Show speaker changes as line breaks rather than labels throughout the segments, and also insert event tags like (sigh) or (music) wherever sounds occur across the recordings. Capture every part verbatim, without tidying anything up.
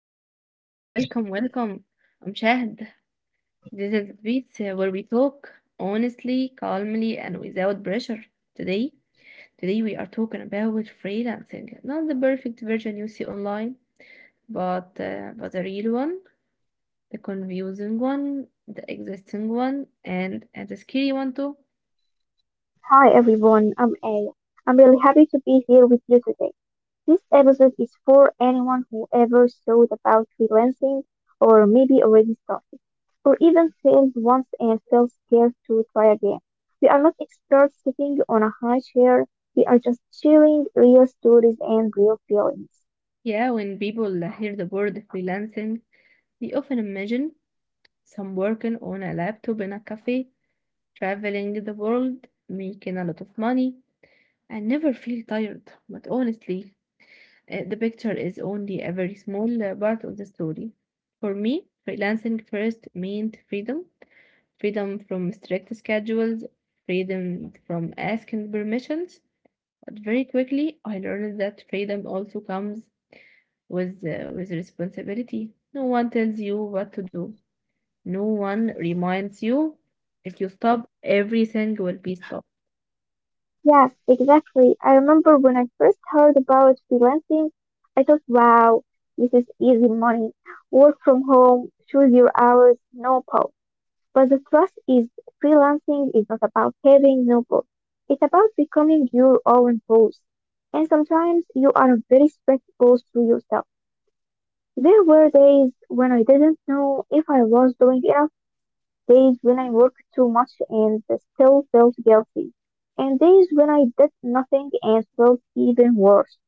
everyone, welcome, welcome. I'm Shahd. This is Beats uh, where we talk honestly, calmly, and without pressure. Today, today we are talking about freelancing, not the perfect version you see online, but uh, but the real one, the confusing one, the existing one, and and the scary one too.
Hi everyone, I'm Aya. i I'm really happy to be here with you today. This episode is for anyone who ever thought about freelancing or maybe already started, or even failed once and felt scared to try again. We are not experts sitting on a high chair, we are just sharing real stories and real feelings.
Yeah, when people hear the word freelancing, they often imagine some working on a laptop in a cafe, traveling the world, making a lot of money. I never feel tired, but honestly, uh, the picture is only a very small uh, part of the story. For me, freelancing first meant freedom, freedom from strict schedules, freedom from asking permissions. But very quickly, I learned that freedom also comes with, uh, with responsibility. No one tells you what to do, no one reminds you. If you stop, everything will be stopped.
Yes, exactly. I remember when I first heard about freelancing, I thought, wow, this is easy money. Work from home, choose your hours, no pause. But the thrust is freelancing is not about having no boss. It's about becoming your own boss. And sometimes you are a very strict boss to yourself. There were days when I didn't know if I was doing enough, days when I worked too much and still felt guilty, and days when I did nothing and felt even worse.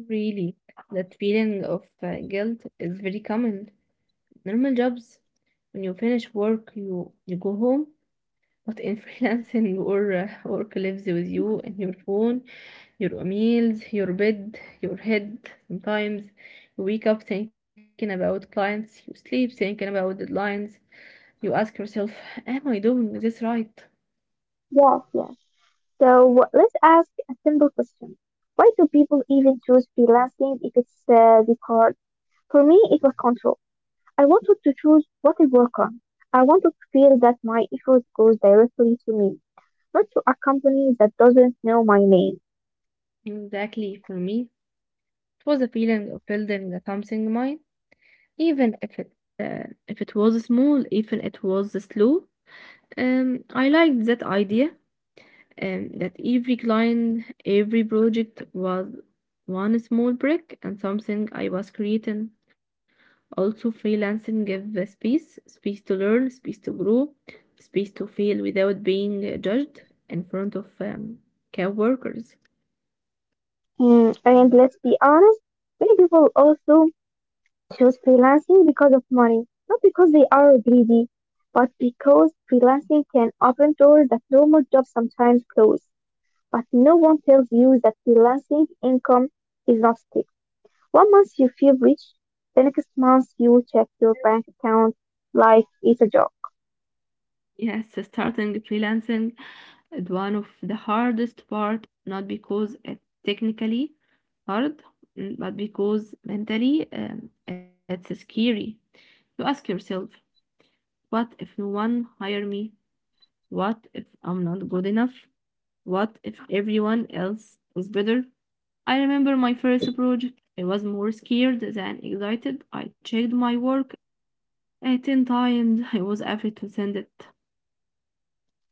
Really, that feeling of uh, guilt is very common. Normal jobs, when you finish work, you you go home. But in (laughs) freelancing, your uh, work lives with you and your phone, your meals, your bed, your head. Sometimes you wake up thinking about clients, you sleep thinking about deadlines. You ask yourself, am I doing this right?
Yes, yes. So let's ask a simple question. Why do people even choose freelancing if it's uh, the card? For me, it was control. I wanted to choose what I work on. I wanted to feel that my effort goes directly to me, not to a company that doesn't know my name.
Exactly. For me, it was a feeling of building something mine, even if it uh, if it was small, even it was slow. Um, I liked that idea, and that every client, every project was one small brick and something I was creating. Also, freelancing gave the space, space to learn, space to grow, space to fail without being judged in front of um, coworkers.
Mm, and let's be honest, many people also choose freelancing because of money, not because they are greedy, but because freelancing can open doors that normal jobs sometimes close. But no one tells you that freelancing income is not fixed. One month you feel rich, the next month you check your bank account like it's a job.
Yes, starting freelancing is one of the hardest part, not because it's technically hard, mm, but because mentally um, it's scary. You ask yourself, what if no one hire me? What if I'm not good enough? What if everyone else is better? I remember my first project. I was more scared than excited. I checked my work uh, ten times. (laughs) I was afraid to send it.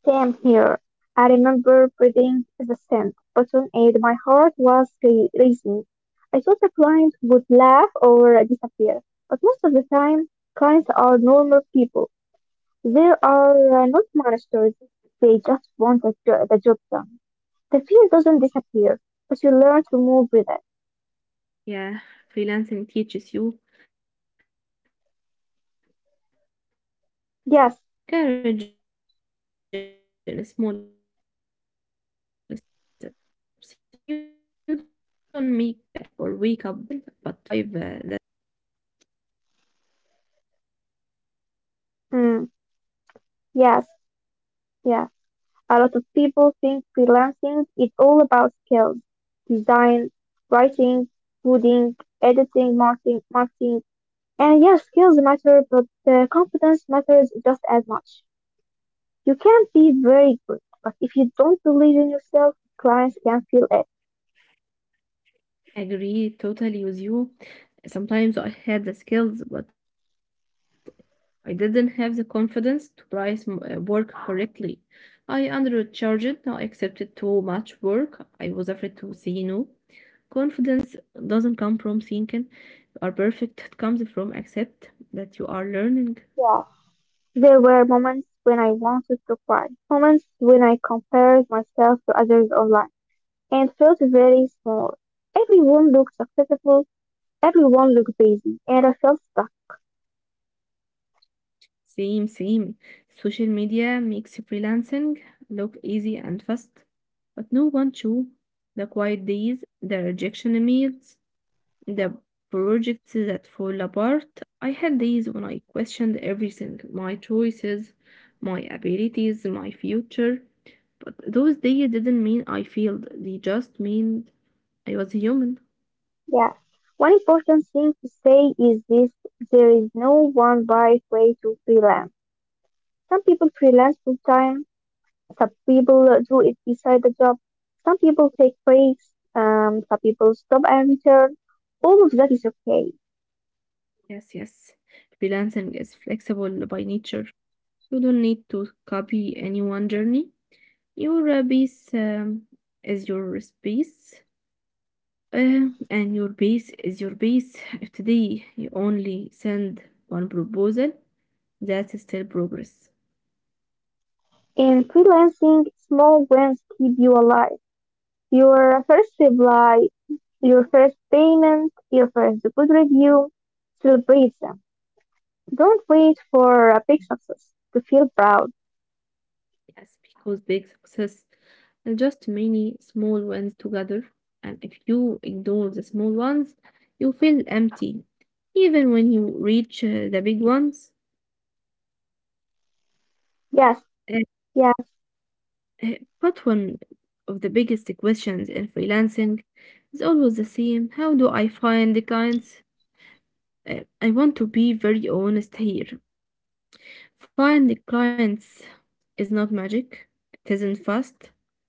Came here. I remember breathing the scent button and my heart was ra- racing. I thought the client would laugh or disappear, but most of the time, clients are normal people. They are uh, not monsters. They just want the, jo- the job done. The fear doesn't disappear, but you learn to move with it.
Yeah, freelancing teaches you courage in small steps. You don't make uh, or wake up brave.
Yes,
You become brave after sending that email, but finish the project after survive uh, that mistakes.
mm, yes, yes. A lot of people think freelancing is all about skills: design, writing, coding, editing, marketing, marketing. And yes, skills matter, but uh, confidence matters just as much. You can be very good, but if you don't believe in yourself, clients can feel it.
Agree totally with you. Sometimes I had the skills, but I didn't have the confidence to price m- uh, work correctly. I undercharged, I accepted too much work. I was afraid to say no. Confidence doesn't come from thinking you are perfect, it comes from accept that you are learning.
Yeah. There were moments when I wanted to cry, moments when I compared myself to others online and felt very small. Everyone looked successful, everyone looked busy, and I felt stuck.
Same, same. Social media makes freelancing look easy and fast, but no one chew the quiet days, the rejection emails, the projects that fall apart. I had days when I questioned everything, my choices, my abilities, my future. But those days didn't mean I failed. They just meant I was human.
Yeah. One important thing to say is this: there is no one right way to freelance. Some people freelance full time, some people uh, do it beside the job, some people take breaks, um, some people stop and return. All of that is okay.
Yes, yes. Freelancing is flexible by nature. You don't need to copy anyone's journey. Your uh, base um, is your space, uh, and your base is your base. If today you only send one proposal, that's still progress.
In freelancing, small wins keep you alive. Your first reply, your first payment, your first good review, celebrate them. Don't wait for a big success to feel proud.
Yes, because big success are just many small ones together. And if you ignore the small ones, you feel empty. Even when you reach uh, the big ones.
Yes,
Uh,
yes.
uh, but one of the biggest questions in freelancing is always the same. How do I find the clients? Uh, I want to be very honest here. Find the clients is not magic. It isn't fast.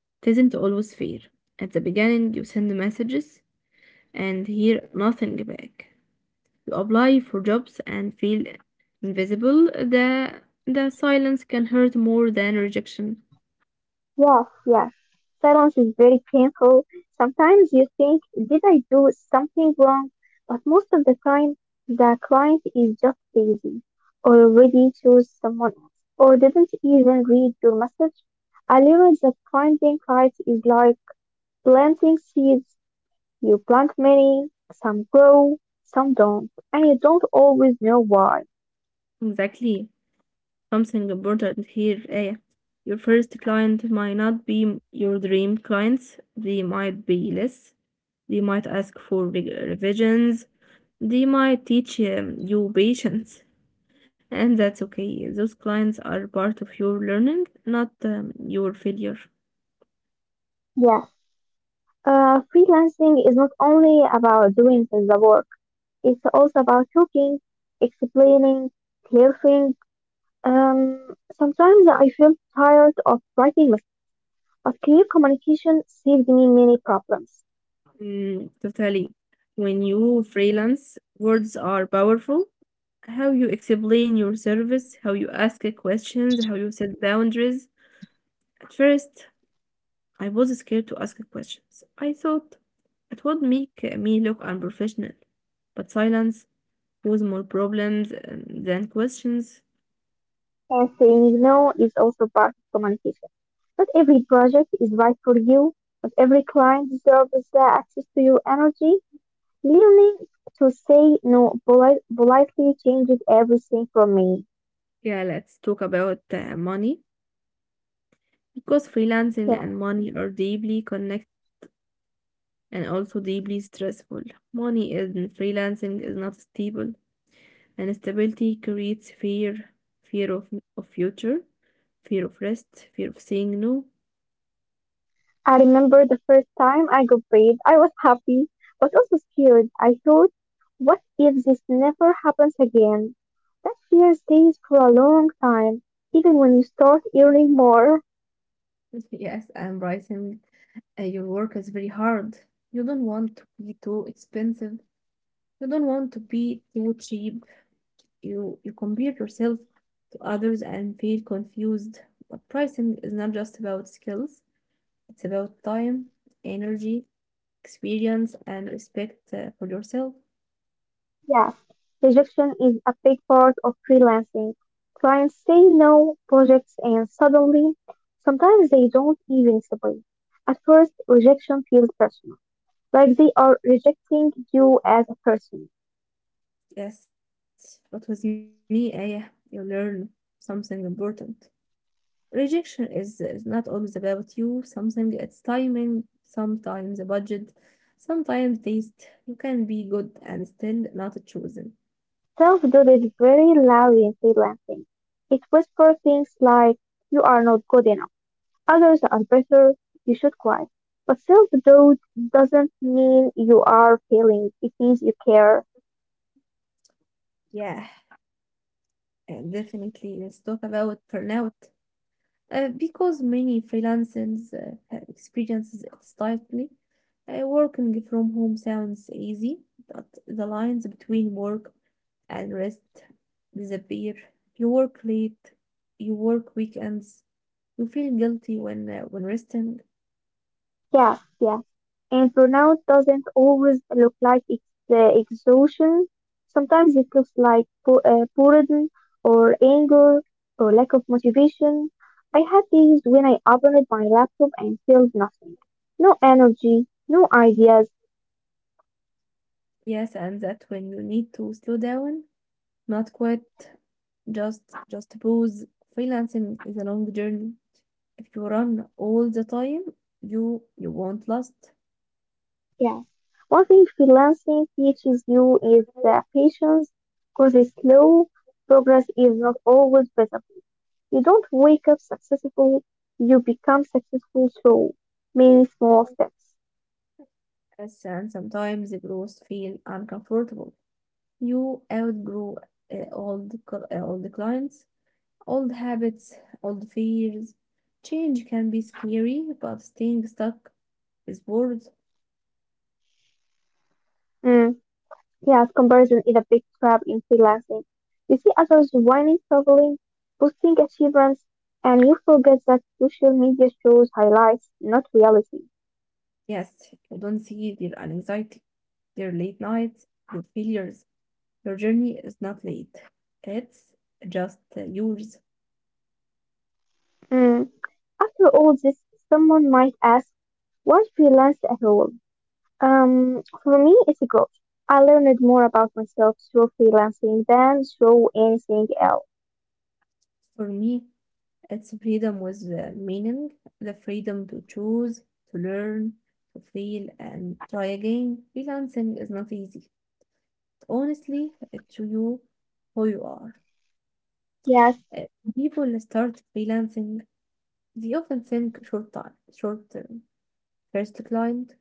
It not always fair. At the beginning, you send messages and hear nothing back. You apply for jobs and feel invisible. The, the silence can hurt more than rejection.
Yes, yes. Silence is very painful. Sometimes you think, did I do something wrong? But most of the time, the client is just busy, or already chose someone else, or didn't even read your message. I realize that planting clients is like planting seeds. You plant many, some grow, some don't, and you don't always know why.
Exactly. Something important here, Aya. Your first client might not be your dream clients. They might be less. They might ask for re- revisions. They might teach um, you patience. And that's okay. Those clients are part of your learning, not um, your failure.
Yes, uh, freelancing is not only about doing the work. It's also about talking, explaining, clarifying. Um, Sometimes I feel tired of writing lists, but clear communication saved me many problems.
Mm, totally. When you freelance, words are powerful. How you explain your service, how you ask questions, how you set boundaries. At first, I was scared to ask questions. I thought it would make me look unprofessional. But silence caused more problems um, than questions.
And saying no is also part of communication. Not every project is right for you, but every client deserves the access to your energy. Learning to say no polite, politely changes everything for me.
Yeah, let's talk about uh, money, because freelancing
Yeah.
and money are deeply connected and also deeply stressful. Money in freelancing is not stable, and stability creates fear, fear of, of future, fear of rest, fear of saying no.
I remember the first time I got paid, I was happy, but also scared. I thought, what if this never happens again? That fear stays for a long time, even when you start earning more.
(laughs) Yes, and pricing uh, your work is very hard. You don't want to be too expensive. You don't want to be too cheap. You you compare yourself to others and feel confused. But pricing is not just about skills, it's about time, energy, experience, and respect uh, for yourself.
Yes, rejection is a big part of freelancing. Clients say no, projects, and suddenly, sometimes they don't even submit. At first, rejection feels personal, like they are rejecting you as a person.
Yes, but with me, Aya, you learn something important. Rejection is, is not always about you, something it's timing, sometimes a budget, sometimes taste. You can be good and still not chosen.
Self doubted very loudly in freelancing. It whispers things like, you are not good enough, others are better, you should quit. But self doubt doesn't mean you are failing, it means you care.
Yeah, Uh, Definitely, let's talk about burnout. Uh, because many freelancers uh, have experiences it stifling. Uh, working from home sounds easy, but the lines between work and rest disappear. You work late, you work weekends, you feel guilty when uh, when resting.
Yeah, yeah. And burnout doesn't always look like it's uh, exhaustion. Sometimes it looks like bo- uh, boredom or anger or lack of motivation. I had days when I opened my laptop and felt nothing. No energy, no ideas.
Yes, and that when you need to slow down, not quit, just just pause. Freelancing is a long journey. If you run all the time, you you won't last.
Yeah. One thing freelancing teaches you is that patience, because it's slow, progress is not always visible. You don't wake up successful, you become successful through many small steps.
Yes, and sometimes the growth feel uncomfortable. You outgrow uh, old cl- uh, old clients, old habits, old fears. Change can be scary, but staying stuck is worth.
Mm. Yes, comparison is a big trap in freelancing. You see others winning, struggling, boosting achievements, and you forget that social media shows highlights, not reality.
Yes, you don't see their anxiety, their late nights, your failures. Your journey is not late. It's just uh, yours.
Mm. After all this, someone might ask, why freelance at all? Um, for me, it's a growth. I learned more about myself through freelancing than through anything else.
For me, it's freedom with uh, meaning, the freedom to choose, to learn, to feel, and try again. Freelancing is not easy. Honestly, it's you who you are.
Yes.
Uh, People start freelancing, they often think short time, short term. First client,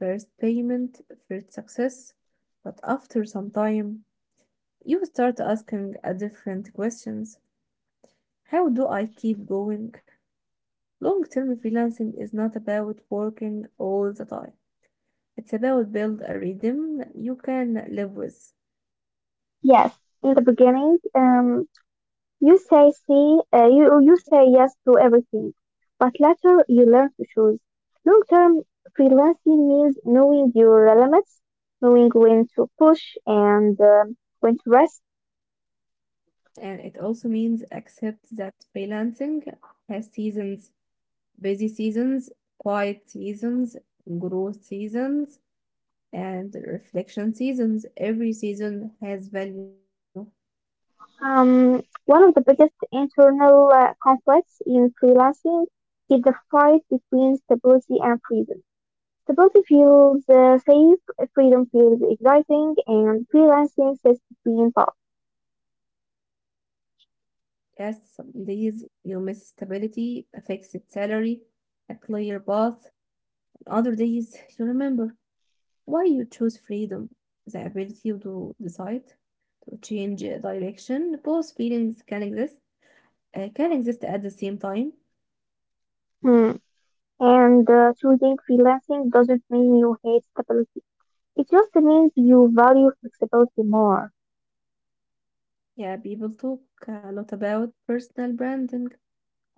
first payment, first success. But after some time, you start asking a different questions. How do I keep going? Long-term freelancing is not about working all the time. It's about build a rhythm you can live with.
Yes, in the beginning, um, you say see, uh, you you say yes to everything, but later you learn to choose. Long-term freelancing means knowing your limits, knowing when to push and um when to rest.
And it also means accept that freelancing has seasons, busy seasons, quiet seasons, growth seasons, and reflection seasons. Every season has value.
Um, one of the biggest internal uh, conflicts in freelancing is the fight between stability and freedom. Stability feels uh, safe, freedom feels exciting, and freelancing sits between both.
Yes, some days you miss stability, a fixed salary, a clear path. And other days you remember. Why you choose freedom, the ability to decide, to change direction. Both feelings can exist, uh, can exist at the same time.
Hmm. And uh, choosing freelancing doesn't mean you hate stability. It just means you value flexibility more.
Yeah, people talk a lot about personal branding.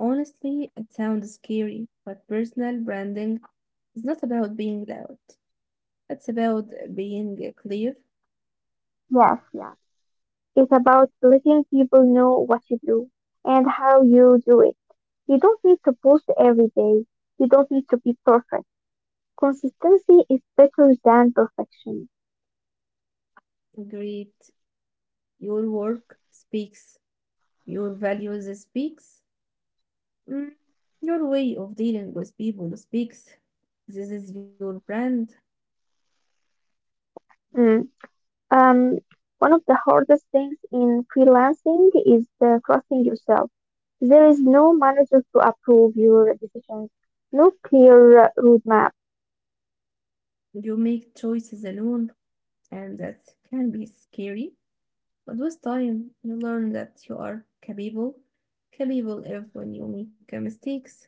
Honestly, it sounds scary, but personal branding is not about being loud. It's about being clear,
Yes, yes. It's about letting people know what you do and how you do it. You don't need to post every day. You don't need to be perfect. Consistency is better than perfection.
great. Your work speaks. Your values speaks. Mm, your way of dealing with people speaks. This is your brand.
Mm. Um, One of the hardest things in freelancing is the trusting yourself. There is no manager to approve your decisions, no clear uh, roadmap.
You make choices alone, and that can be scary. But with time, you learn that you are capable, capable if when you make uh, mistakes.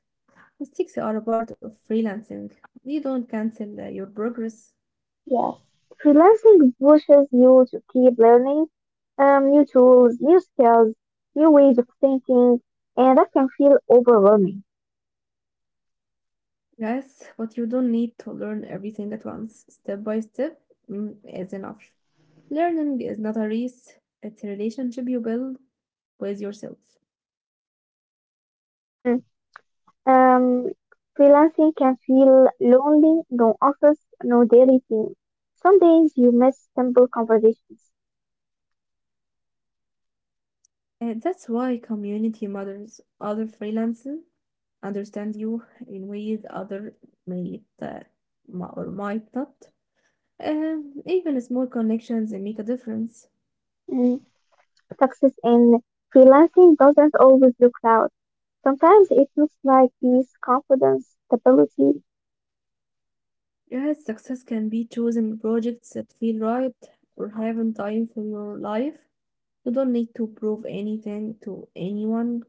Mistakes are a part of freelancing. They don't cancel uh, your progress.
Yes. Freelancing pushes you to keep learning um, new tools, new skills, new ways of thinking, and that can feel overwhelming.
Yes, but you don't need to learn everything at once. Step by step mm, is enough. Learning is not a race, it's a relationship you build with yourself.
Mm. Um, Freelancing can feel lonely, no office, no daily team. Some days you miss simple conversations.
Uh, that's why community matters. Other freelancers, understand you in ways other might uh, m- or might not. Um, even small connections make a difference.
Success in freelancing doesn't always look loud. Sometimes it looks like peace, confidence, stability.
Yes, success can be choosing projects that feel right or having time for your life. You don't need to prove anything to anyone,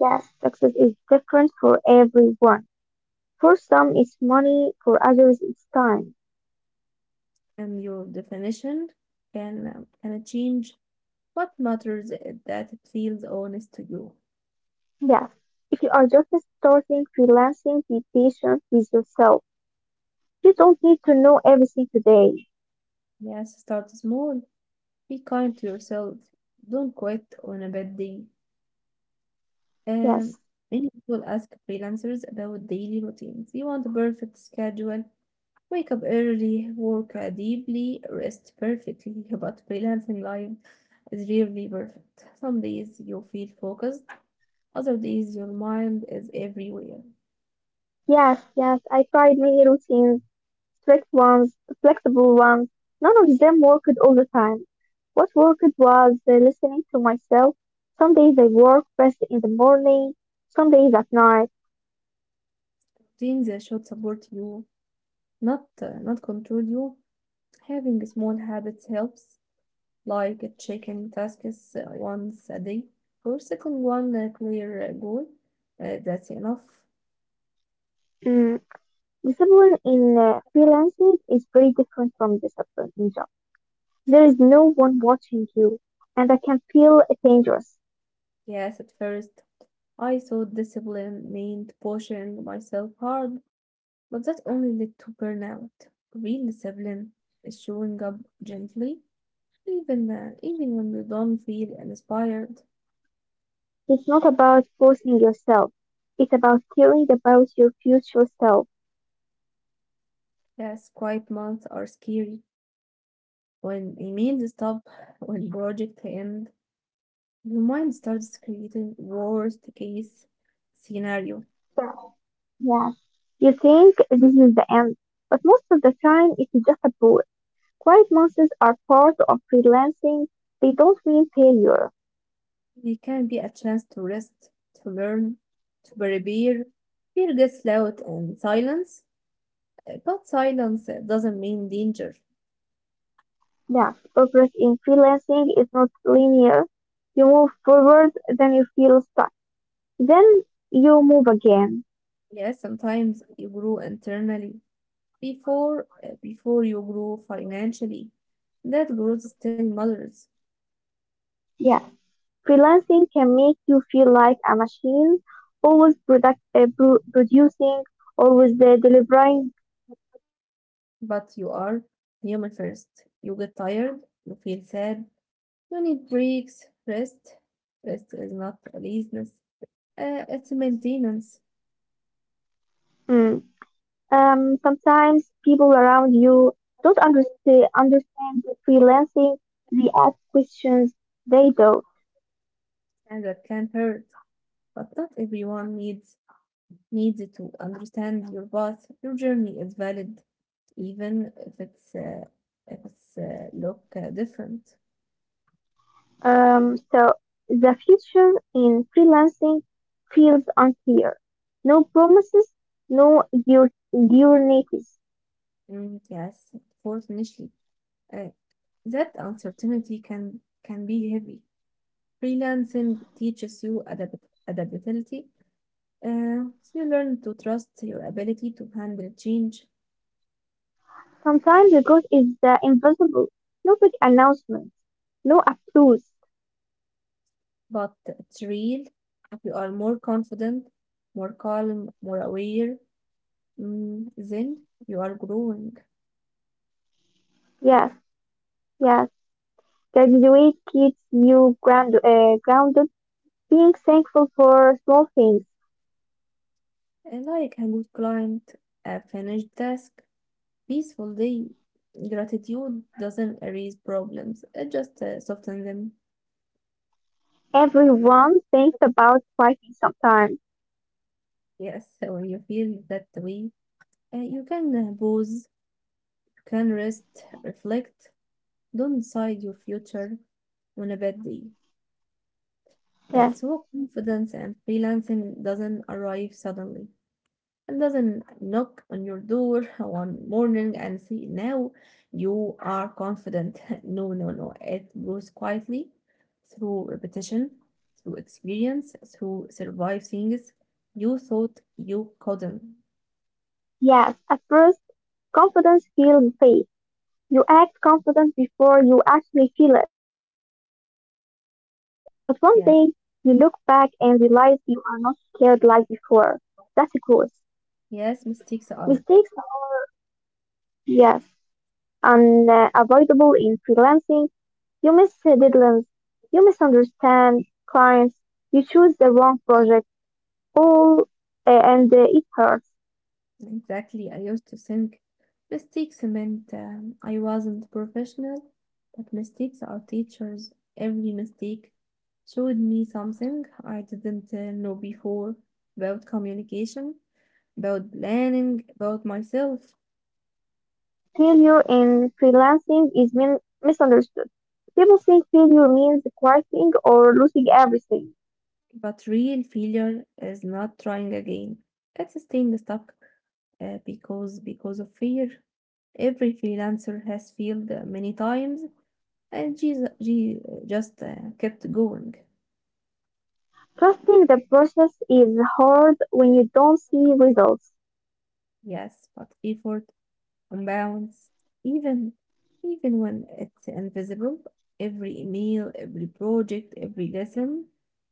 Yes, success is different for everyone. For some, it's money, for others, it's time.
and your definition can um, can change. What matters is that it feels honest to you.
Yes, if you are just starting freelancing, be patient with yourself. You don't need to know everything today.
Yes, start small. Be kind to yourself. Don't quit on a bad day. Um,
Yes,
Many people ask freelancers about daily routines. You want a perfect schedule, wake up early, work uh, deeply, rest perfectly. (laughs) But freelancing life is rarely perfect. Some days you feel focused, other days, your mind is everywhere.
yes, yes, I tried many routines. Strict ones, flexible ones. None of them worked all the time. What worked was uh, listening to myself. Some days I work best in the morning, some days at night.
Routines that should support you, not uh, not control you. Having small habits helps, like checking tasks uh, once a day or second one uh, clear uh, goal. Uh, that's enough.
Mm, discipline in uh, freelancing is very different from discipline in job. There is no one watching you, and I can feel dangerous.
Yes, at first I thought discipline meant pushing myself hard, but that only led to burnout. Real discipline is showing up gently, even uh, even when you don't feel inspired.
It's not about forcing yourself. It's about caring about your future self.
Yes, quiet months are scary. When emails stop, when project end, your mind starts creating worst case scenario.
Yes, you think this is the end, but most of the time it's just a bullet. Quiet monsters are part of freelancing. They don't mean failure.
It can be a chance to rest, to learn, to prepare. Fear gets loud and silence. But silence uh, doesn't mean danger.
Yes, progress in freelancing is not linear. You move forward, then you feel stuck. Then you move again.
Yes, sometimes you grow internally before uh, before you grow financially. That growth still matters,
Yes, freelancing can make you feel like a machine, always product, uh, pro- producing, always uh, delivering.
but you are human first. You get tired, you feel sad, you need breaks, rest. Rest is not laziness. Uh, it's maintenance,
Mm. Um, sometimes people around you don't understand understand freelancing. They ask questions they don't.
and that can hurt. But not everyone needs needs to understand your path. Your journey is valid, even if it's uh, if it's uh, look uh, different.
Um, so the future in freelancing feels unclear. No promises, no dur- guarantees.
Mm, yes, fortunately, uh, that uncertainty can can be heavy. Freelancing teaches you adapt- adaptability. Uh, so you learn to trust your ability to handle change,
Sometimes the goal is the invisible. No big announcements, no applause.
but it's real. You are more confident, more calm, more aware. Mm, then you are growing.
Yes, yes. Graduate keeps you ground, uh, grounded. Being thankful for small things.
And like a good client, a finished task, peaceful day. Gratitude doesn't erase problems, it just uh, softens them.
Everyone thinks about fighting sometimes.
Yes, so when you feel that way, uh, you can uh, pause, you can rest, reflect, don't decide your future on a bad day. Uh,
Yes,
so confidence and freelancing doesn't arrive suddenly, and doesn't knock on your door (laughs) one morning and say, "Now you are confident." (laughs) No, no, no. It grows quietly through repetition, through experience, through survive things you thought you couldn't.
yes. At first, confidence feels fake. You act confident before you actually feel it. But one day, you look back and
Yes,
realize you are not scared like before. That's growth.
yes, mistakes
Mistakes
are
are, yes, unavoidable in freelancing. You miss deadlines. You misunderstand clients. You choose the wrong project. All, uh, and uh, It hurts.
exactly. I used to think mistakes meant um, I wasn't professional, but mistakes are teachers. Every mistake showed me something I didn't uh, know before, about communication, about planning, about myself.
Failure in freelancing is min- misunderstood. People think failure means quitting or losing everything.
But real failure is not trying again. It's staying stuck uh, because because of fear. Every freelancer has failed uh, many times, and she, she just uh, kept going.
Trusting the process is hard when you don't see results.
Yes, but effort compounds even even when it's invisible. Every email, every project, every lesson,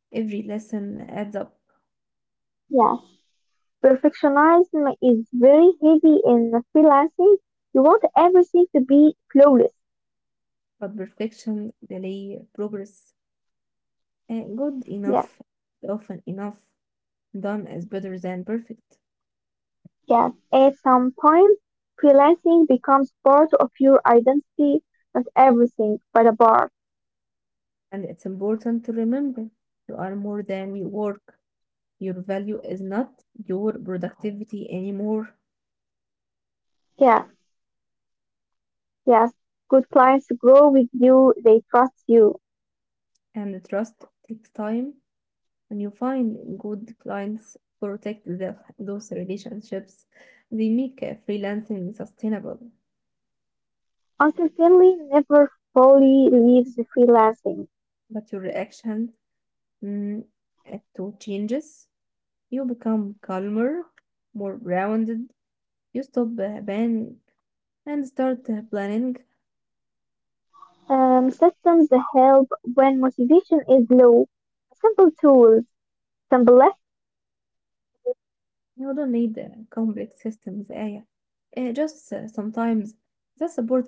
every lesson adds up.
Yes. Perfectionism is very heavy in freelancing. You want everything to be flawless.
But perfection, delay, progress, and good
Yes.
enough, often enough, done is better than perfect.
Yes. At some point, freelancing becomes part of your identity, not everything, but a part.
And it's important to remember you are more than your work. Your value is not your productivity anymore.
Yes. Yes. Good clients grow with you, they trust you.
And trust takes time. When you find good clients, protect the, those relationships. They make uh, freelancing sustainable.
Also, never fully leaves the freelancing.
But your reaction, mm, uh, to changes, you become calmer, more grounded. You stop uh, banning and start uh, planning.
Um, systems that help when motivation is low. Simple tools, simple less,
You don't need uh, complex systems, Aya. Uh, just uh, Sometimes that supports you.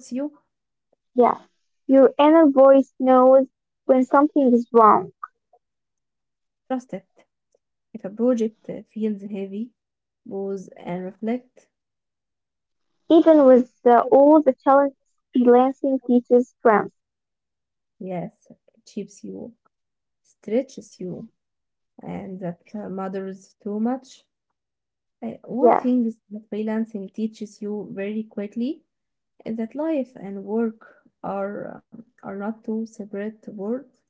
yeah. Your inner voice knows when something is wrong.
Trust it. If a project uh, feels heavy, pause and reflect.
Even with uh, all the challenges freelancing teaches strength.
Yes, it shapes you, stretches you, and that uh, matters too much. Uh,
Yes,
one thing is that freelancing teaches you very quickly is that life and work are um, are not two separate worlds.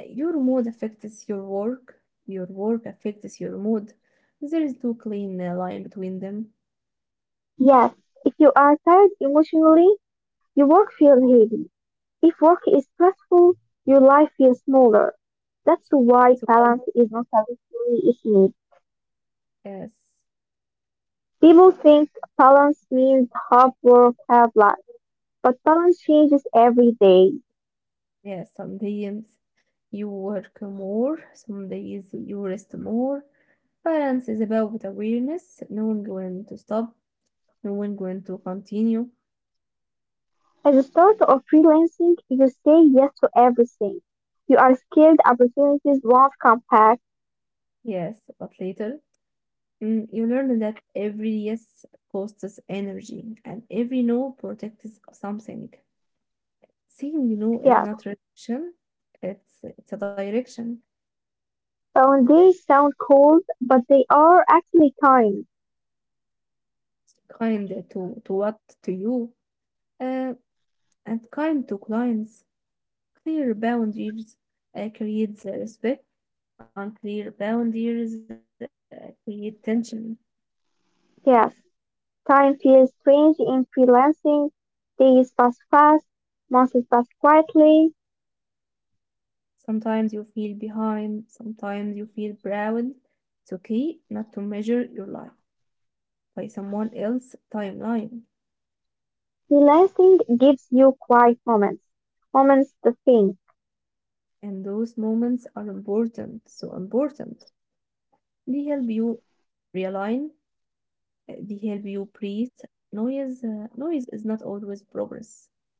Uh, Your mood affects your work, your work affects your mood. There is no clean uh, line between them.
yes. If you are tired emotionally, your work feels heavy. If work is stressful, your life feels smaller. That's why
So I,
balance is not a luxury, it's needed.
yes,
People think balance means hard work, hard life, but balance changes every day.
yes, some days you work more, some days you rest more. Balance is about awareness, knowing when to stop, knowing when to continue.
As a starter of freelancing, you say yes to everything. You are scared opportunities won't come back.
Yes, but later, mm, you learn that every yes costs energy and every no protects something. Saying no is
Yes,
not rejection, it's, it's a direction.
boundaries sound cold, but they are actually time.
Kind to, to what? To you, uh, and kind to clients. Clear boundaries uh, creates uh, respect. Unclear boundaries uh, create tension.
Yes, time feels strange in freelancing. Days pass fast, months pass quietly.
Sometimes you feel behind, sometimes you feel proud. It's okay not to measure your life by someone else's timeline.
Freelancing gives you quiet moments, moments to think.
And those moments are important, so important. They help you realign, uh, they help you breathe. Noise, uh, noise is not always progress.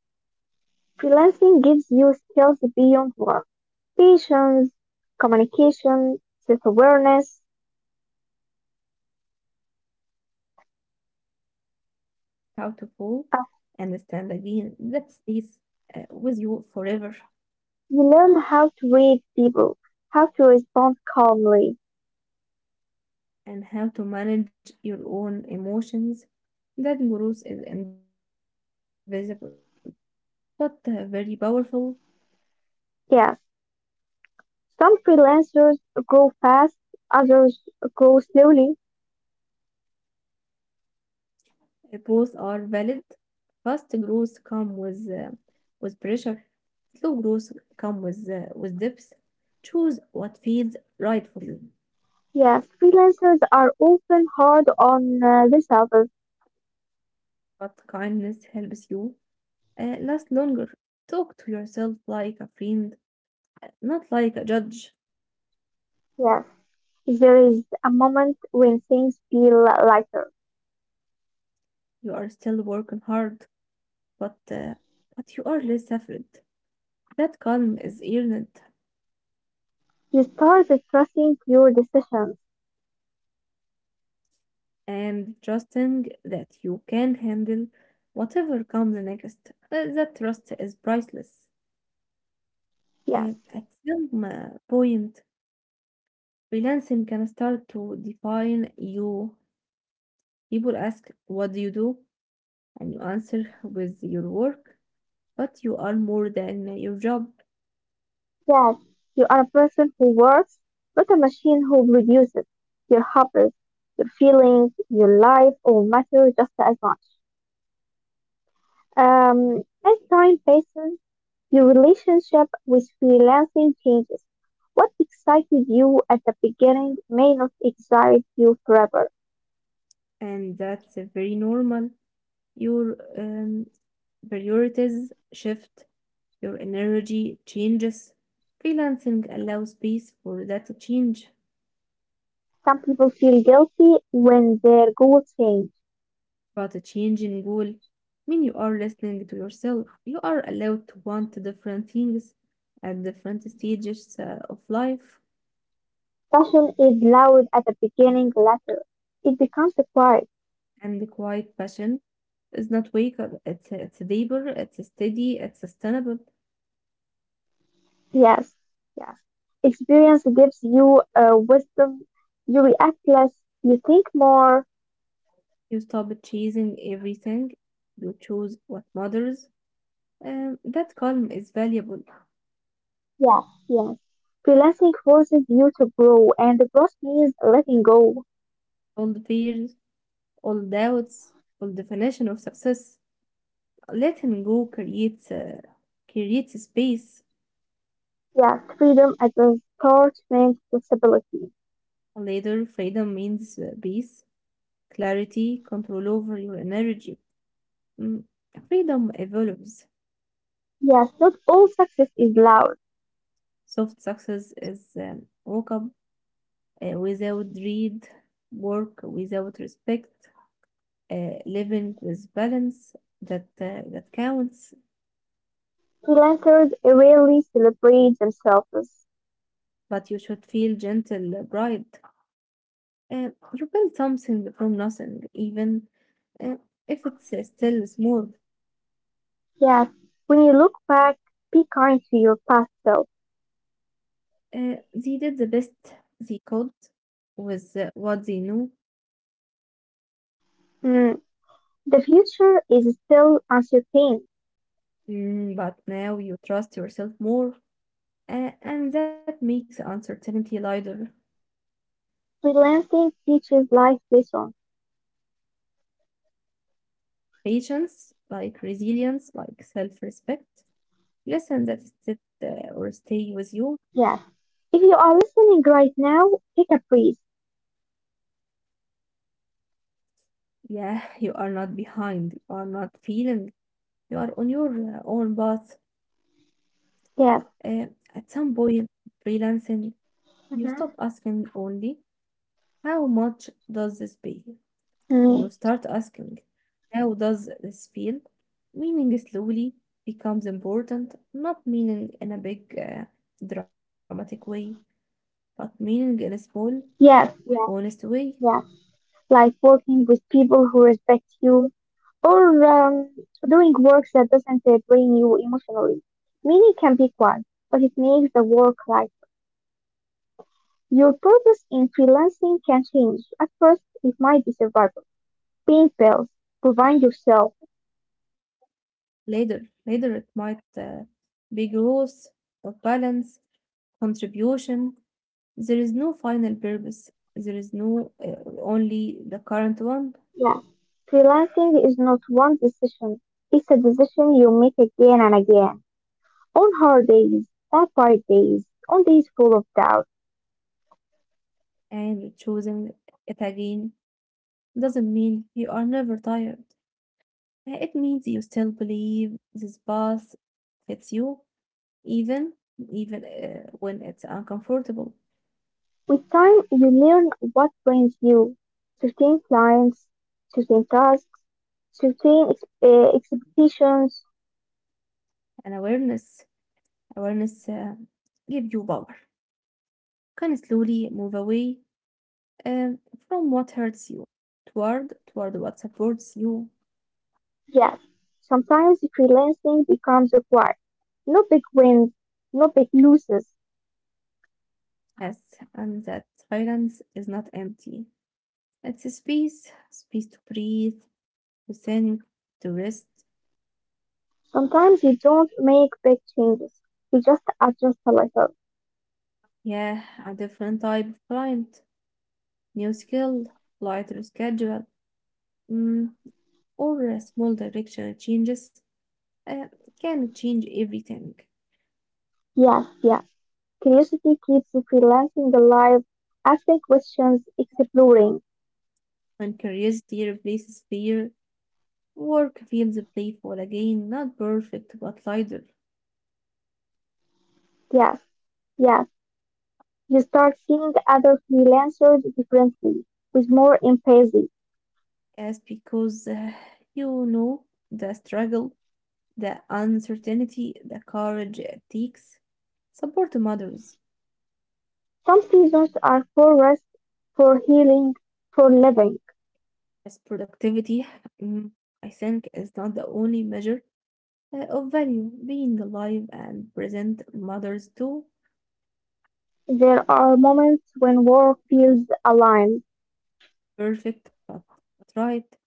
Freelancing gives you skills beyond work. Patience, communication, self-awareness.
It teaches resilience. You learn how to fall and
Uh,
stand again. That stays uh, with you forever.
you learn how to read people, how to respond calmly.
And how to manage your own emotions. That growth is invisible, but uh, very powerful.
Yes. Some freelancers grow fast, others grow slowly.
Uh, Both are valid. Fast growth come with uh, with pressure. Slow growth come with uh, with depth. Choose what feels right for you.
Yes. Freelancers are often hard on uh, themselves.
But kindness helps you uh, last longer. Talk to yourself like a friend, not like a judge.
Yes, there is a moment when things feel lighter.
You are still working hard, but uh, but you are less afraid. That calm is earned,
You start trusting your decisions.
and trusting that you can handle whatever comes next. Uh, that trust is priceless.
Yes.
Uh, at some uh, point, freelancing can start to define you. People ask, "What do you do?" and you answer with your work, but you are more than your job.
Yes, you are a person who works, not a machine who produces. Your hobbies, your feelings, your life all matter just as much. Um, as time passes, your relationship with freelancing changes. What excited you at the beginning may not excite you forever.
And that's uh, very normal. Your um, priorities shift, your energy changes. Freelancing allows space for that change,
Some people feel guilty when their goals change.
but a change in goal mean you are listening to yourself. You are allowed to want different things at different stages uh, of life,
Passion is loud at the beginning, later it becomes quiet.
and the quiet passion is not wake up. It's it's labor. It's steady. It's sustainable.
Yes, yes. Experience gives you uh, wisdom. You react less. You think more.
You stop chasing everything. You choose what matters. And that calm is valuable.
Yes, yes. Freelancing forces you to grow, and the growth means letting go.
All the fears, all doubts, all definition of success. Letting go creates uh, creates space.
Yes, freedom at the start means flexibility.
Later, freedom means uh, peace, clarity, control over your energy. Mm, Freedom evolves.
Yes, not all success is loud.
Soft success is um, woke up uh, without dread, work without respect, uh, living with balance that uh, that counts,
Freelancers rarely celebrate themselves.
but you should feel gentle uh, bride, uh, you build something from nothing, even uh, if it's uh, still small.
Yes, when you look back, be kind to your past self.
Uh, they did the best they could with uh, what they knew.
Mm, the future is still uncertain.
Mm, but now you trust yourself more, uh, and that makes uncertainty lighter.
Freelancing teaches life lessons.
Patience like resilience like self-respect listen that sit uh, or stay with you.
Yes. If you are listening right now, take a breath.
Yeah, (laughs) you are not behind. You are not feeling. You are on your uh, own path.
Yes.
Uh, at some point, freelancing, you
Mm-hmm.
stop asking only, how much does this pay? And you
Mm.
start asking, how does this feel? Meaning slowly becomes important, not meaning in a big, uh, dramatic way, but meaning in a small,
Yes.
honest
Yes.
way.
Yes. Like working with people who respect you or um, doing work that doesn't uh, drain you emotionally. Meaning can be quiet, but it makes the work life. Your purpose in freelancing can change. At first, it might be survival, paying bills, providing yourself.
Later, later it might uh, be growth or balance, contribution, there is no final purpose. There is no uh, only the current one,
Yes, freelancing is not one decision. It's a decision you make again and again. On hard days, on quiet days, on days full of doubt.
and choosing it again doesn't mean you are never tired. Uh, It means you still believe this path fits you, even even uh, when it's uncomfortable.
With time, you learn what brings you. Certain clients, certain tasks, certain ex- uh, expectations.
And awareness, awareness uh, give you power. Can slowly move away um, from what hurts you toward toward what supports you.
Yes, sometimes freelancing becomes a quite. No big wins, no big losses.
Yes, and that silence is not empty. It's a space, space to breathe, to think, to rest.
Sometimes you don't make big changes. You just adjust a little.
Yeah, a different type of client, new skill, lighter schedule, mm, or a small directional changes uh, can change everything.
Yes, yes. Curiosity keeps you freelancing the life, asking questions, exploring.
When curiosity replaces fear, work feels playful again, not perfect but lighter.
Yes, yes. You start seeing other freelancers differently, with more empathy.
Yes, because uh, you know the struggle, the uncertainty, the courage it takes, support to mothers
Some seasons are for rest, for healing, for living.
as productivity, mm, I think, is not the only measure uh, of value. Being alive and present mothers too,
There are moments when work feels aligned.
perfect, but, but right.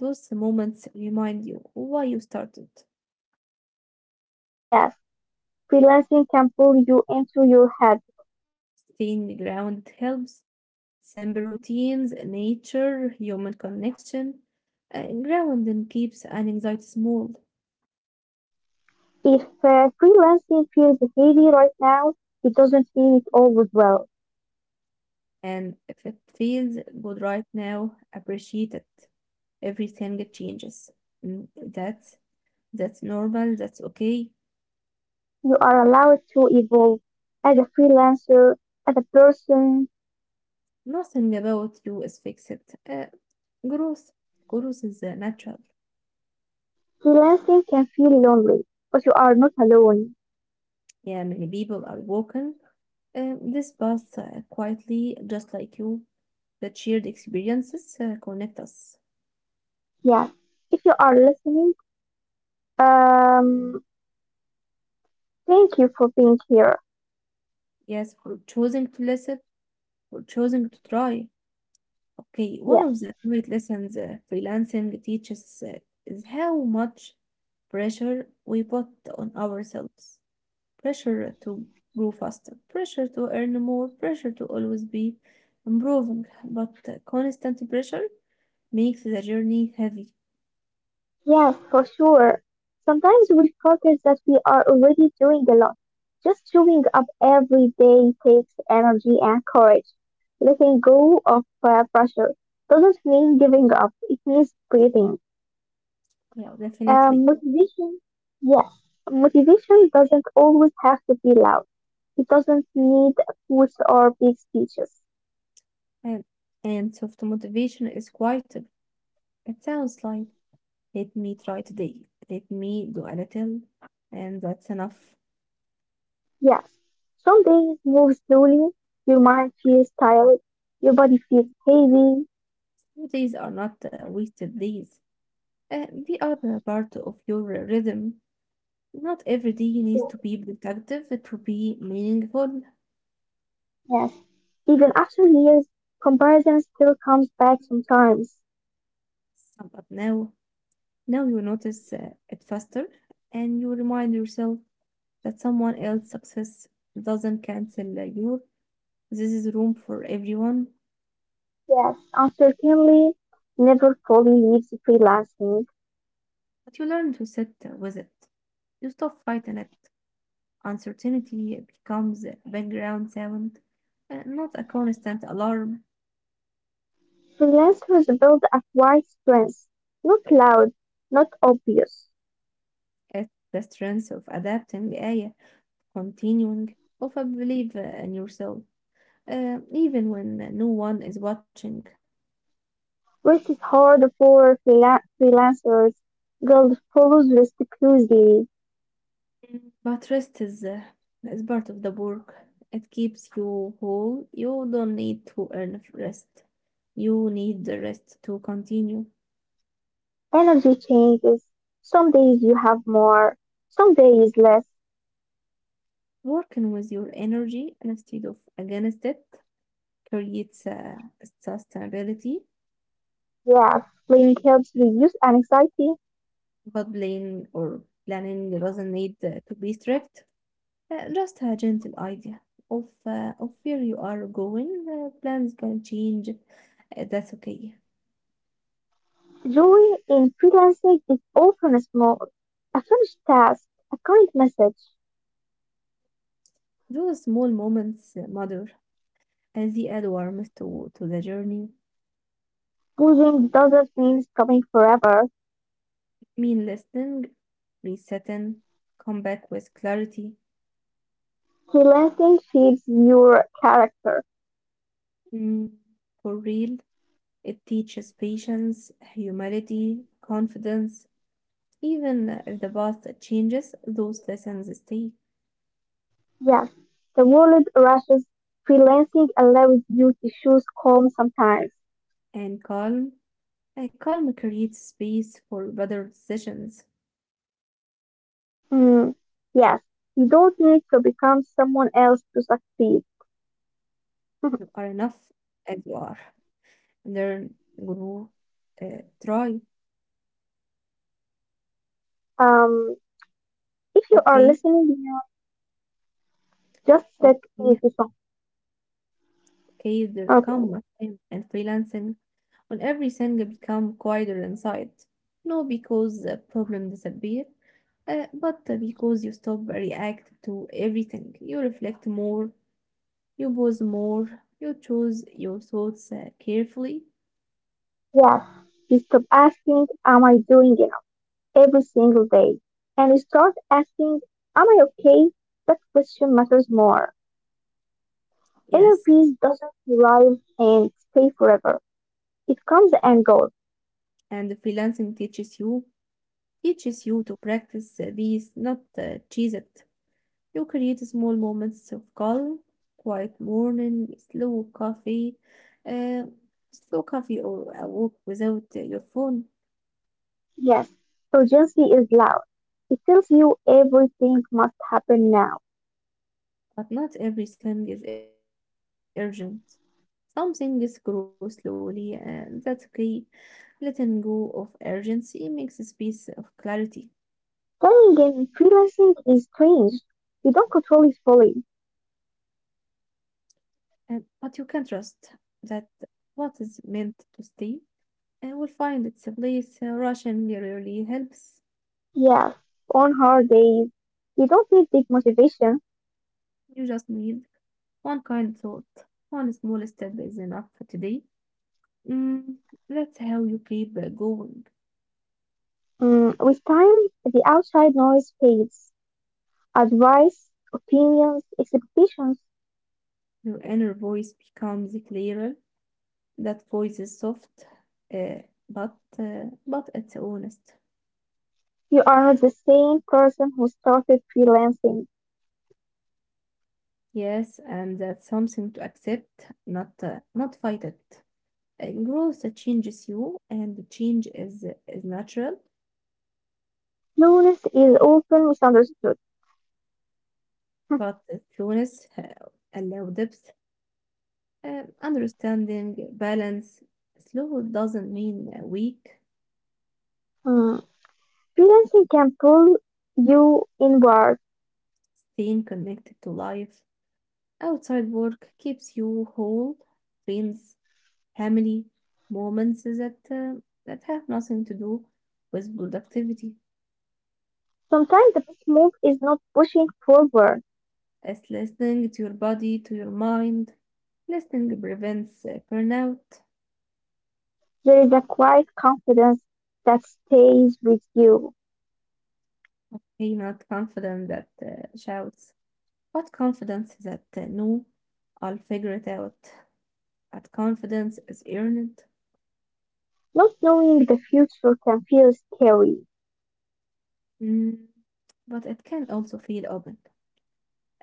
Those moments remind you why you started.
Yes, freelancing can pull you into your head.
Staying grounded helps. Simple routines, nature, human connection, uh, grounding keeps an anxiety small.
If uh, freelancing feels heavy right now, it doesn't mean it always will.
And if it feels good right now, appreciate it. Everything changes. Mm, That's that's normal. That's okay.
You are allowed to evolve as a freelancer, as a person.
Nothing about you is fixed. Uh, growth, growth is uh, natural.
Freelancing can feel lonely, but you are not alone.
Yeah, many people are walking uh, this path uh, quietly, just like you. That shared experiences uh, connect us.
Yes. If you are listening, um, thank you for being here.
Yes, for choosing to listen, for choosing to try. Okay, one
Yes.
of the great lessons uh, freelancing teaches uh, is how much pressure we put on ourselves. Pressure to grow faster, pressure to earn more, pressure to always be improving. But uh, constant pressure makes the journey heavy.
Yes, for sure. Sometimes we forget that we are already doing a lot. Just showing up every day takes energy and courage. Letting go of uh, pressure doesn't mean giving up, it means breathing.
Yeah, definitely.
Um, motivation, yes, motivation doesn't always have to be loud. It doesn't need quotes or big speeches.
And, and soft motivation is quieter. It sounds like, let me try today, let me do a little, and that's enough.
Yes, some days move slowly, your mind feels tired, your body feels heavy.
Days are not uh, wasted days. Uh, they are a part of your rhythm. Not every day needs to be productive to be meaningful.
Yes, even after years, comparison still comes back sometimes.
So, but now, now you notice uh, it faster, and you remind yourself that someone else's success doesn't cancel uh, your. This is room for everyone,
Yes, uncertainty never fully leaves freelancing.
but you learn to sit uh, with it. You stop fighting it. Uncertainty becomes a background sound, uh, not a constant alarm.
Freelancers build a quiet strength, not loud, not obvious.
It's the strength of adapting. آية continuing of a belief uh, in yourself, uh, even when uh, no one is watching.
Work is hard for freela- freelancers. Guild follows restlessly.
Mm. But rest is, uh, is part of the work. It keeps you whole. You don't need to earn rest. You need the rest to continue.
Energy changes. Some days you have more, some days less.
Working with your energy instead of against it creates uh, sustainability,
Yeah, planning helps reduce anxiety.
but playing or planning doesn't need uh, to be strict. Uh, just a gentle idea of uh, of where you are going. Uh, plans can change. Uh, that's okay.
Joy in freelancing is often small. A finished task, a current message.
Those small moments uh, matter as they add warmth to, to the journey.
Losing doesn't mean stopping forever.
Mean listening, resetting, come back with clarity.
Freelancing shapes your character.
Mm, for real, it teaches patience, humility, confidence. Even if the path changes, those lessons stay
Yes, the world rushes. Freelancing allows you to choose calm sometimes.
and calm. A calm creates space for better decisions.
Mm, yes, you don't need to become someone else to succeed.
You are enough
(laughs)
as you are. Learn, grow, uh, try.
Um, if you
Okay,
are listening, you just set
okay,
with song.
okay. There
Okay,
come a time and freelancing when everything become quieter inside. No, because the problem disappear, uh, but because you stop react to everything. You reflect more. You pause more. You choose your thoughts uh, carefully.
yes. You stop asking, am I doing enough every single day? And you start asking, am I okay? That question matters more. Inner
Yes,
peace doesn't arrive and stay forever, it comes and goes.
and freelancing teaches you teaches you to practice uh, these, not uh, cheese it. You create small moments of calm, quiet morning, slow coffee, uh, slow coffee or a walk without uh, your phone.
Yes, urgency is loud. It tells you everything must happen now.
But not everything is urgent. Some things grow slowly, and that's okay. Letting go of urgency makes a space of clarity.
Playing game and freelancing is strange. You don't control it fully.
And, but you can trust that what is meant to stay uh, will find its place. Uh, Russian rarely helps.
Yes, on hard days, you don't need big motivation.
You just need one kind thought, one small step is enough for today. Mm, that's how you keep uh, going.
Mm, with time, the outside noise fades. Advice, opinions, expectations.
Your inner voice becomes clearer. That voice is soft, uh, but uh, but it's honest.
You are not the same person who started freelancing.
Yes, and that's something to accept, not uh, not fight it. Uh, growth changes you, and the change is is natural,
Loneliness is often misunderstood. (laughs)
but slowness uh, allow depth, uh, understanding, balance. Slow doesn't mean uh, weak.
Hmm. Freelancing can pull you inward.
Staying connected to life outside work keeps you whole, friends, family, moments that uh, that have nothing to do with productivity.
Sometimes the best move is not pushing forward.
As listening to your body, to your mind, listening prevents uh, burnout.
There is a quiet confidence that stays with you.
Be not confident that uh, shouts, but confidence that uh, no, I'll figure it out. That confidence is earned.
Not knowing the future can feel scary.
Mm, but it can also feel open,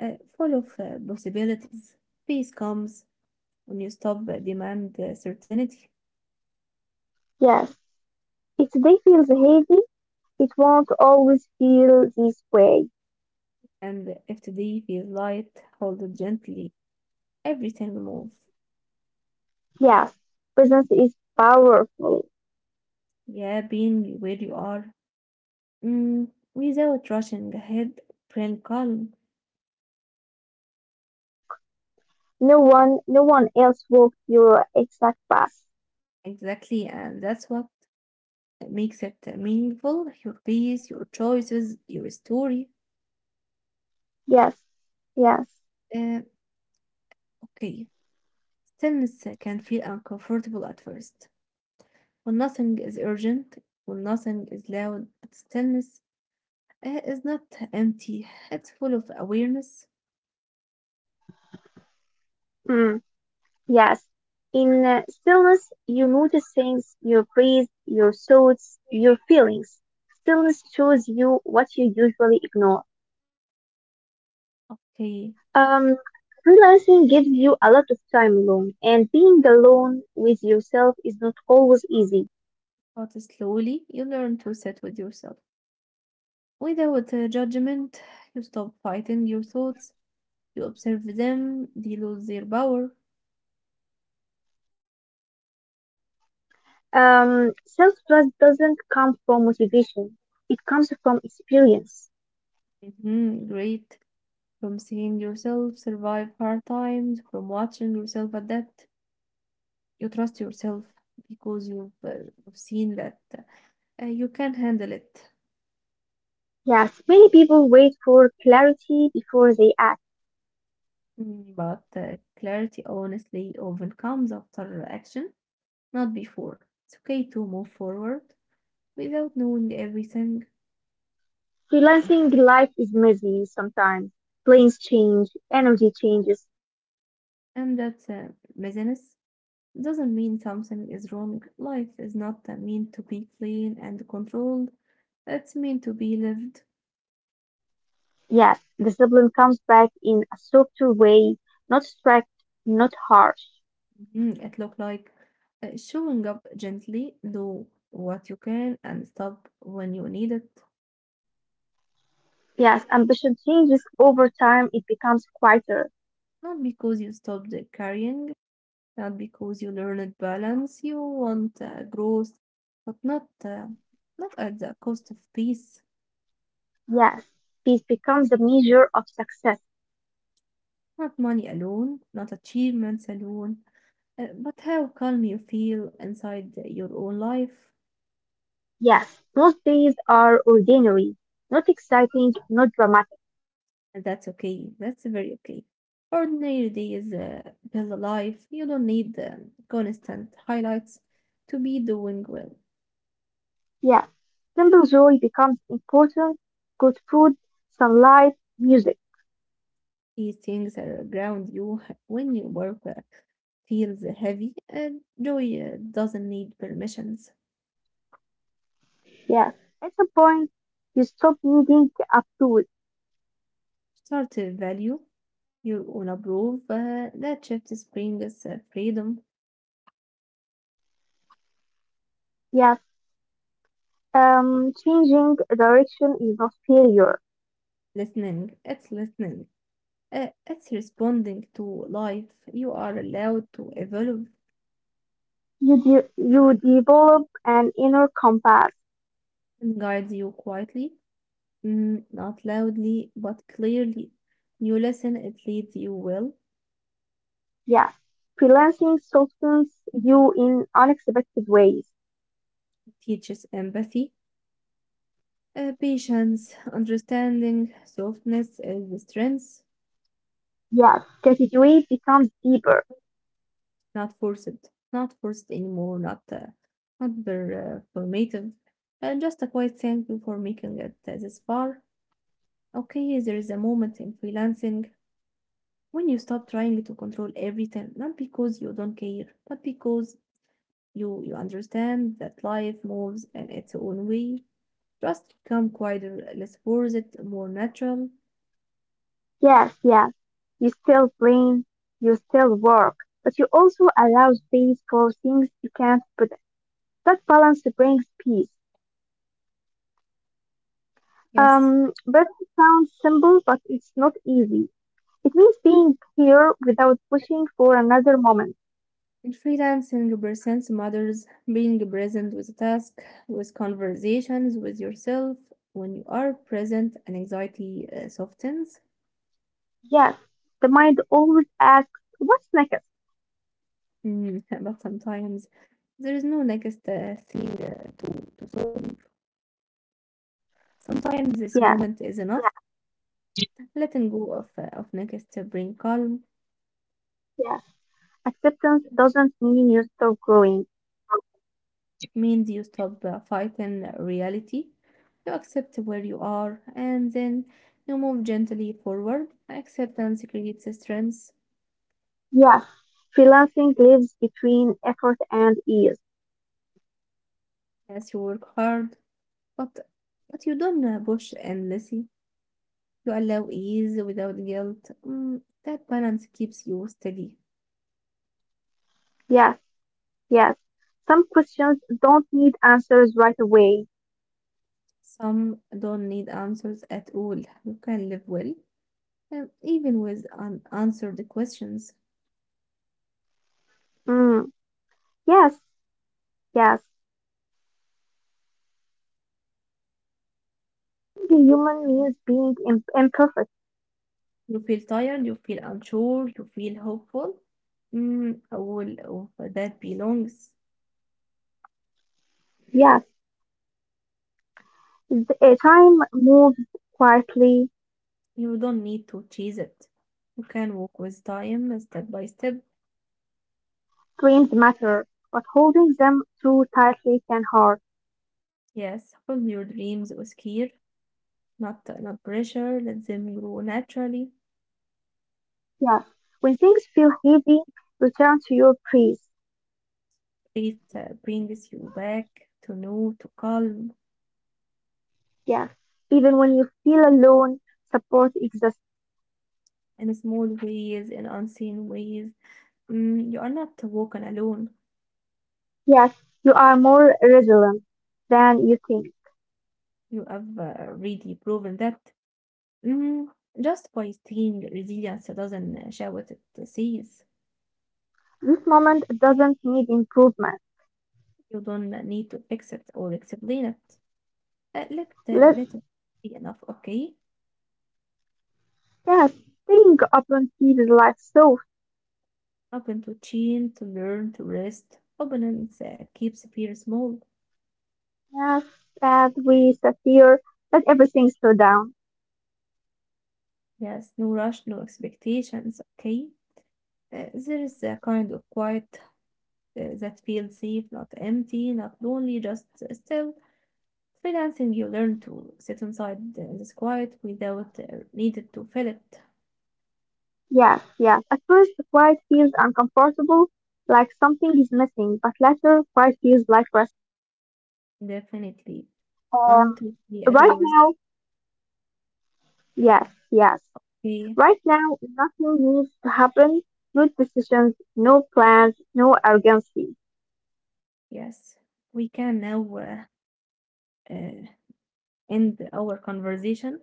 uh, full of uh, possibilities. Peace comes when you stop uh, demand uh, certainty,
Yes, if today feels heavy, it won't always feel this way.
and if today feels light, hold it gently. Every single move,
Yes, presence is powerful.
yeah, being where you are, mm, without rushing ahead, bring calm.
No one, no one else walked your exact path.
Exactly, and that's what uh, makes it uh, meaningful. Your peace, your choices, your story.
Yes, yes,
Uh, okay, stillness uh, can feel uncomfortable at first. When nothing is urgent, when nothing is loud, but stillness uh, is not empty, it's full of awareness.
mm, yes. In uh, stillness, you notice things, your breath, your thoughts, your feelings. Stillness shows you what you usually ignore.
Okay,
Um, Freelancing gives you a lot of time alone, and being alone with yourself is not always easy.
but slowly you learn to sit with yourself. Without uh, judgment, you stop fighting your thoughts, you observe them, they lose their power.
Um, self-trust doesn't come from motivation. It comes from experience.
Mhm, great. From seeing yourself survive hard times, from watching yourself adapt, you trust yourself because you've, uh, you've seen that uh, you can handle it.
Yes, many people wait for clarity before they act.
Mm, but uh, clarity honestly often comes after action, not before. It's okay to move forward without knowing everything,
Freelancing life is messy sometimes. Plans change, energy changes.
and that uh, messiness doesn't mean something is wrong. Life is not uh, meant to be clean and controlled, it's meant to be lived.
Yes, discipline comes back in a softer way, not strict, not harsh.
Mhm, it looks like uh, showing up gently, do what you can, and stop when you need it,
Yes, ambition changes over time. It becomes quieter.
not because you stopped carrying, not because you learned balance. You want uh, growth, but not uh, not at the cost of peace.
Yes, peace becomes the measure of success.
Not money alone, not achievements alone, uh, but how calm you feel inside your own life.
Yes, most days are ordinary, not exciting, not dramatic.
And that's okay. That's very okay. Ordinary days uh, build a life. You don't need um, constant highlights to be doing well.
Yes, simple joy becomes important. Good food, sunlight, music.
These things are ground you (laughs) when your work uh, feels heavy and joy uh, doesn't need permissions.
Yes, at some point, you stop needing to up to it.
Start to value your own approve uh, that shift brings uh, freedom.
Yes, um, changing direction is not failure.
Listening, it's listening. Uh, it's responding to life. You are allowed to evolve
You, de- you develop an inner compass.
and guides you quietly, mm, not loudly, but clearly. You listen, it leads you well,
Yeah, freelancing softens you in unexpected ways.
it teaches empathy, Uh, patience, understanding, softness is the strength,
Yes. Gratitude becomes deeper.
not forced, not forced anymore, not uh, not very uh, formative. Uh, just a quiet thank you for making it uh, this far. Okay, there is a moment in freelancing when you stop trying to control everything, not because you don't care, but because you you understand that life moves in its own way. Just become quieter, less forced, more natural.
Yes, yes. You still dream, you still work, but you also allow space for things you can't predict. That balance brings peace.
Yes,
Um, but it sounds simple, but it's not easy. It means being here without pushing for another moment.
in freelancing presents matters being present with a task, with conversations with yourself. When you are present, and anxiety uh, softens.
Yes, the mind always asks, what's next?
Mm, (laughs) but sometimes there is no next uh, thing uh, to, to solve. Sometimes this
Yes,
moment is enough. Letting go of, uh, of next to bring calm.
yes. Acceptance doesn't mean you stop growing.
It means you stop uh, fighting reality. You accept where you are, and then you move gently forward. Acceptance creates strength.
Yes, freelancing lives between effort and ease.
Yes, you work hard, but but you don't uh, push endlessly. You allow ease without guilt. Mm, that balance keeps you steady.
Yes, yes. Some questions don't need answers right away.
Some don't need answers at all. You can live well, and even with unanswered questions.
Mm, yes, yes. Being human means being im- imperfect.
You feel tired, you feel unsure, you feel hopeful. Mm, all of uh, that belongs.
Yes, the, uh, time moves quietly.
You don't need to chase it. You can walk with time, step by step.
Dreams matter, but holding them too tightly can hurt.
Yes, hold your dreams with care, not not pressure. Let them grow naturally.
Yes, when things feel heavy, return to your praise.
Faith uh, brings you back to know, to calm
Yes, even when you feel alone, support exists.
in small ways, in unseen ways. Mm, you are not walking alone.
Yes, you are more resilient than you think.
You have uh, already proven that. Mm, just by staying resilient doesn't shout it to.
This moment doesn't need improvement.
You don't need to fix it or explain it. Uh, let uh,
Let
let it be enough, okay?
yes, staying open keeps life so
Open to change, to learn, to rest. Openness uh, keeps fear small.
yes, as we sit here, let everything slow down.
Yes, no rush, no expectations, okay? Uh, there's a kind of quiet uh, that feels safe, not empty, not lonely, just still. Freelancing, you learn to sit inside the- this quiet without uh, needed to fill it.
Yes, yes. At first the quiet feels uncomfortable, like something is missing, but later quiet feels like rest.
Definitely. I'm
Um
totally
right
agree with
now yes, yes.
you.
Right now nothing needs to happen. No decisions, no plans, no urgency.
Yes, we can now uh, uh, end our conversation.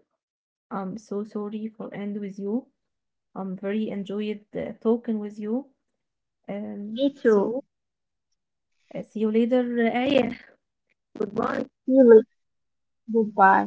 I'm so sorry for end with you. I'm very enjoyed uh, talking with you. Um,
Me too.
so see you later, آية. Goodbye.
See you later. Goodbye.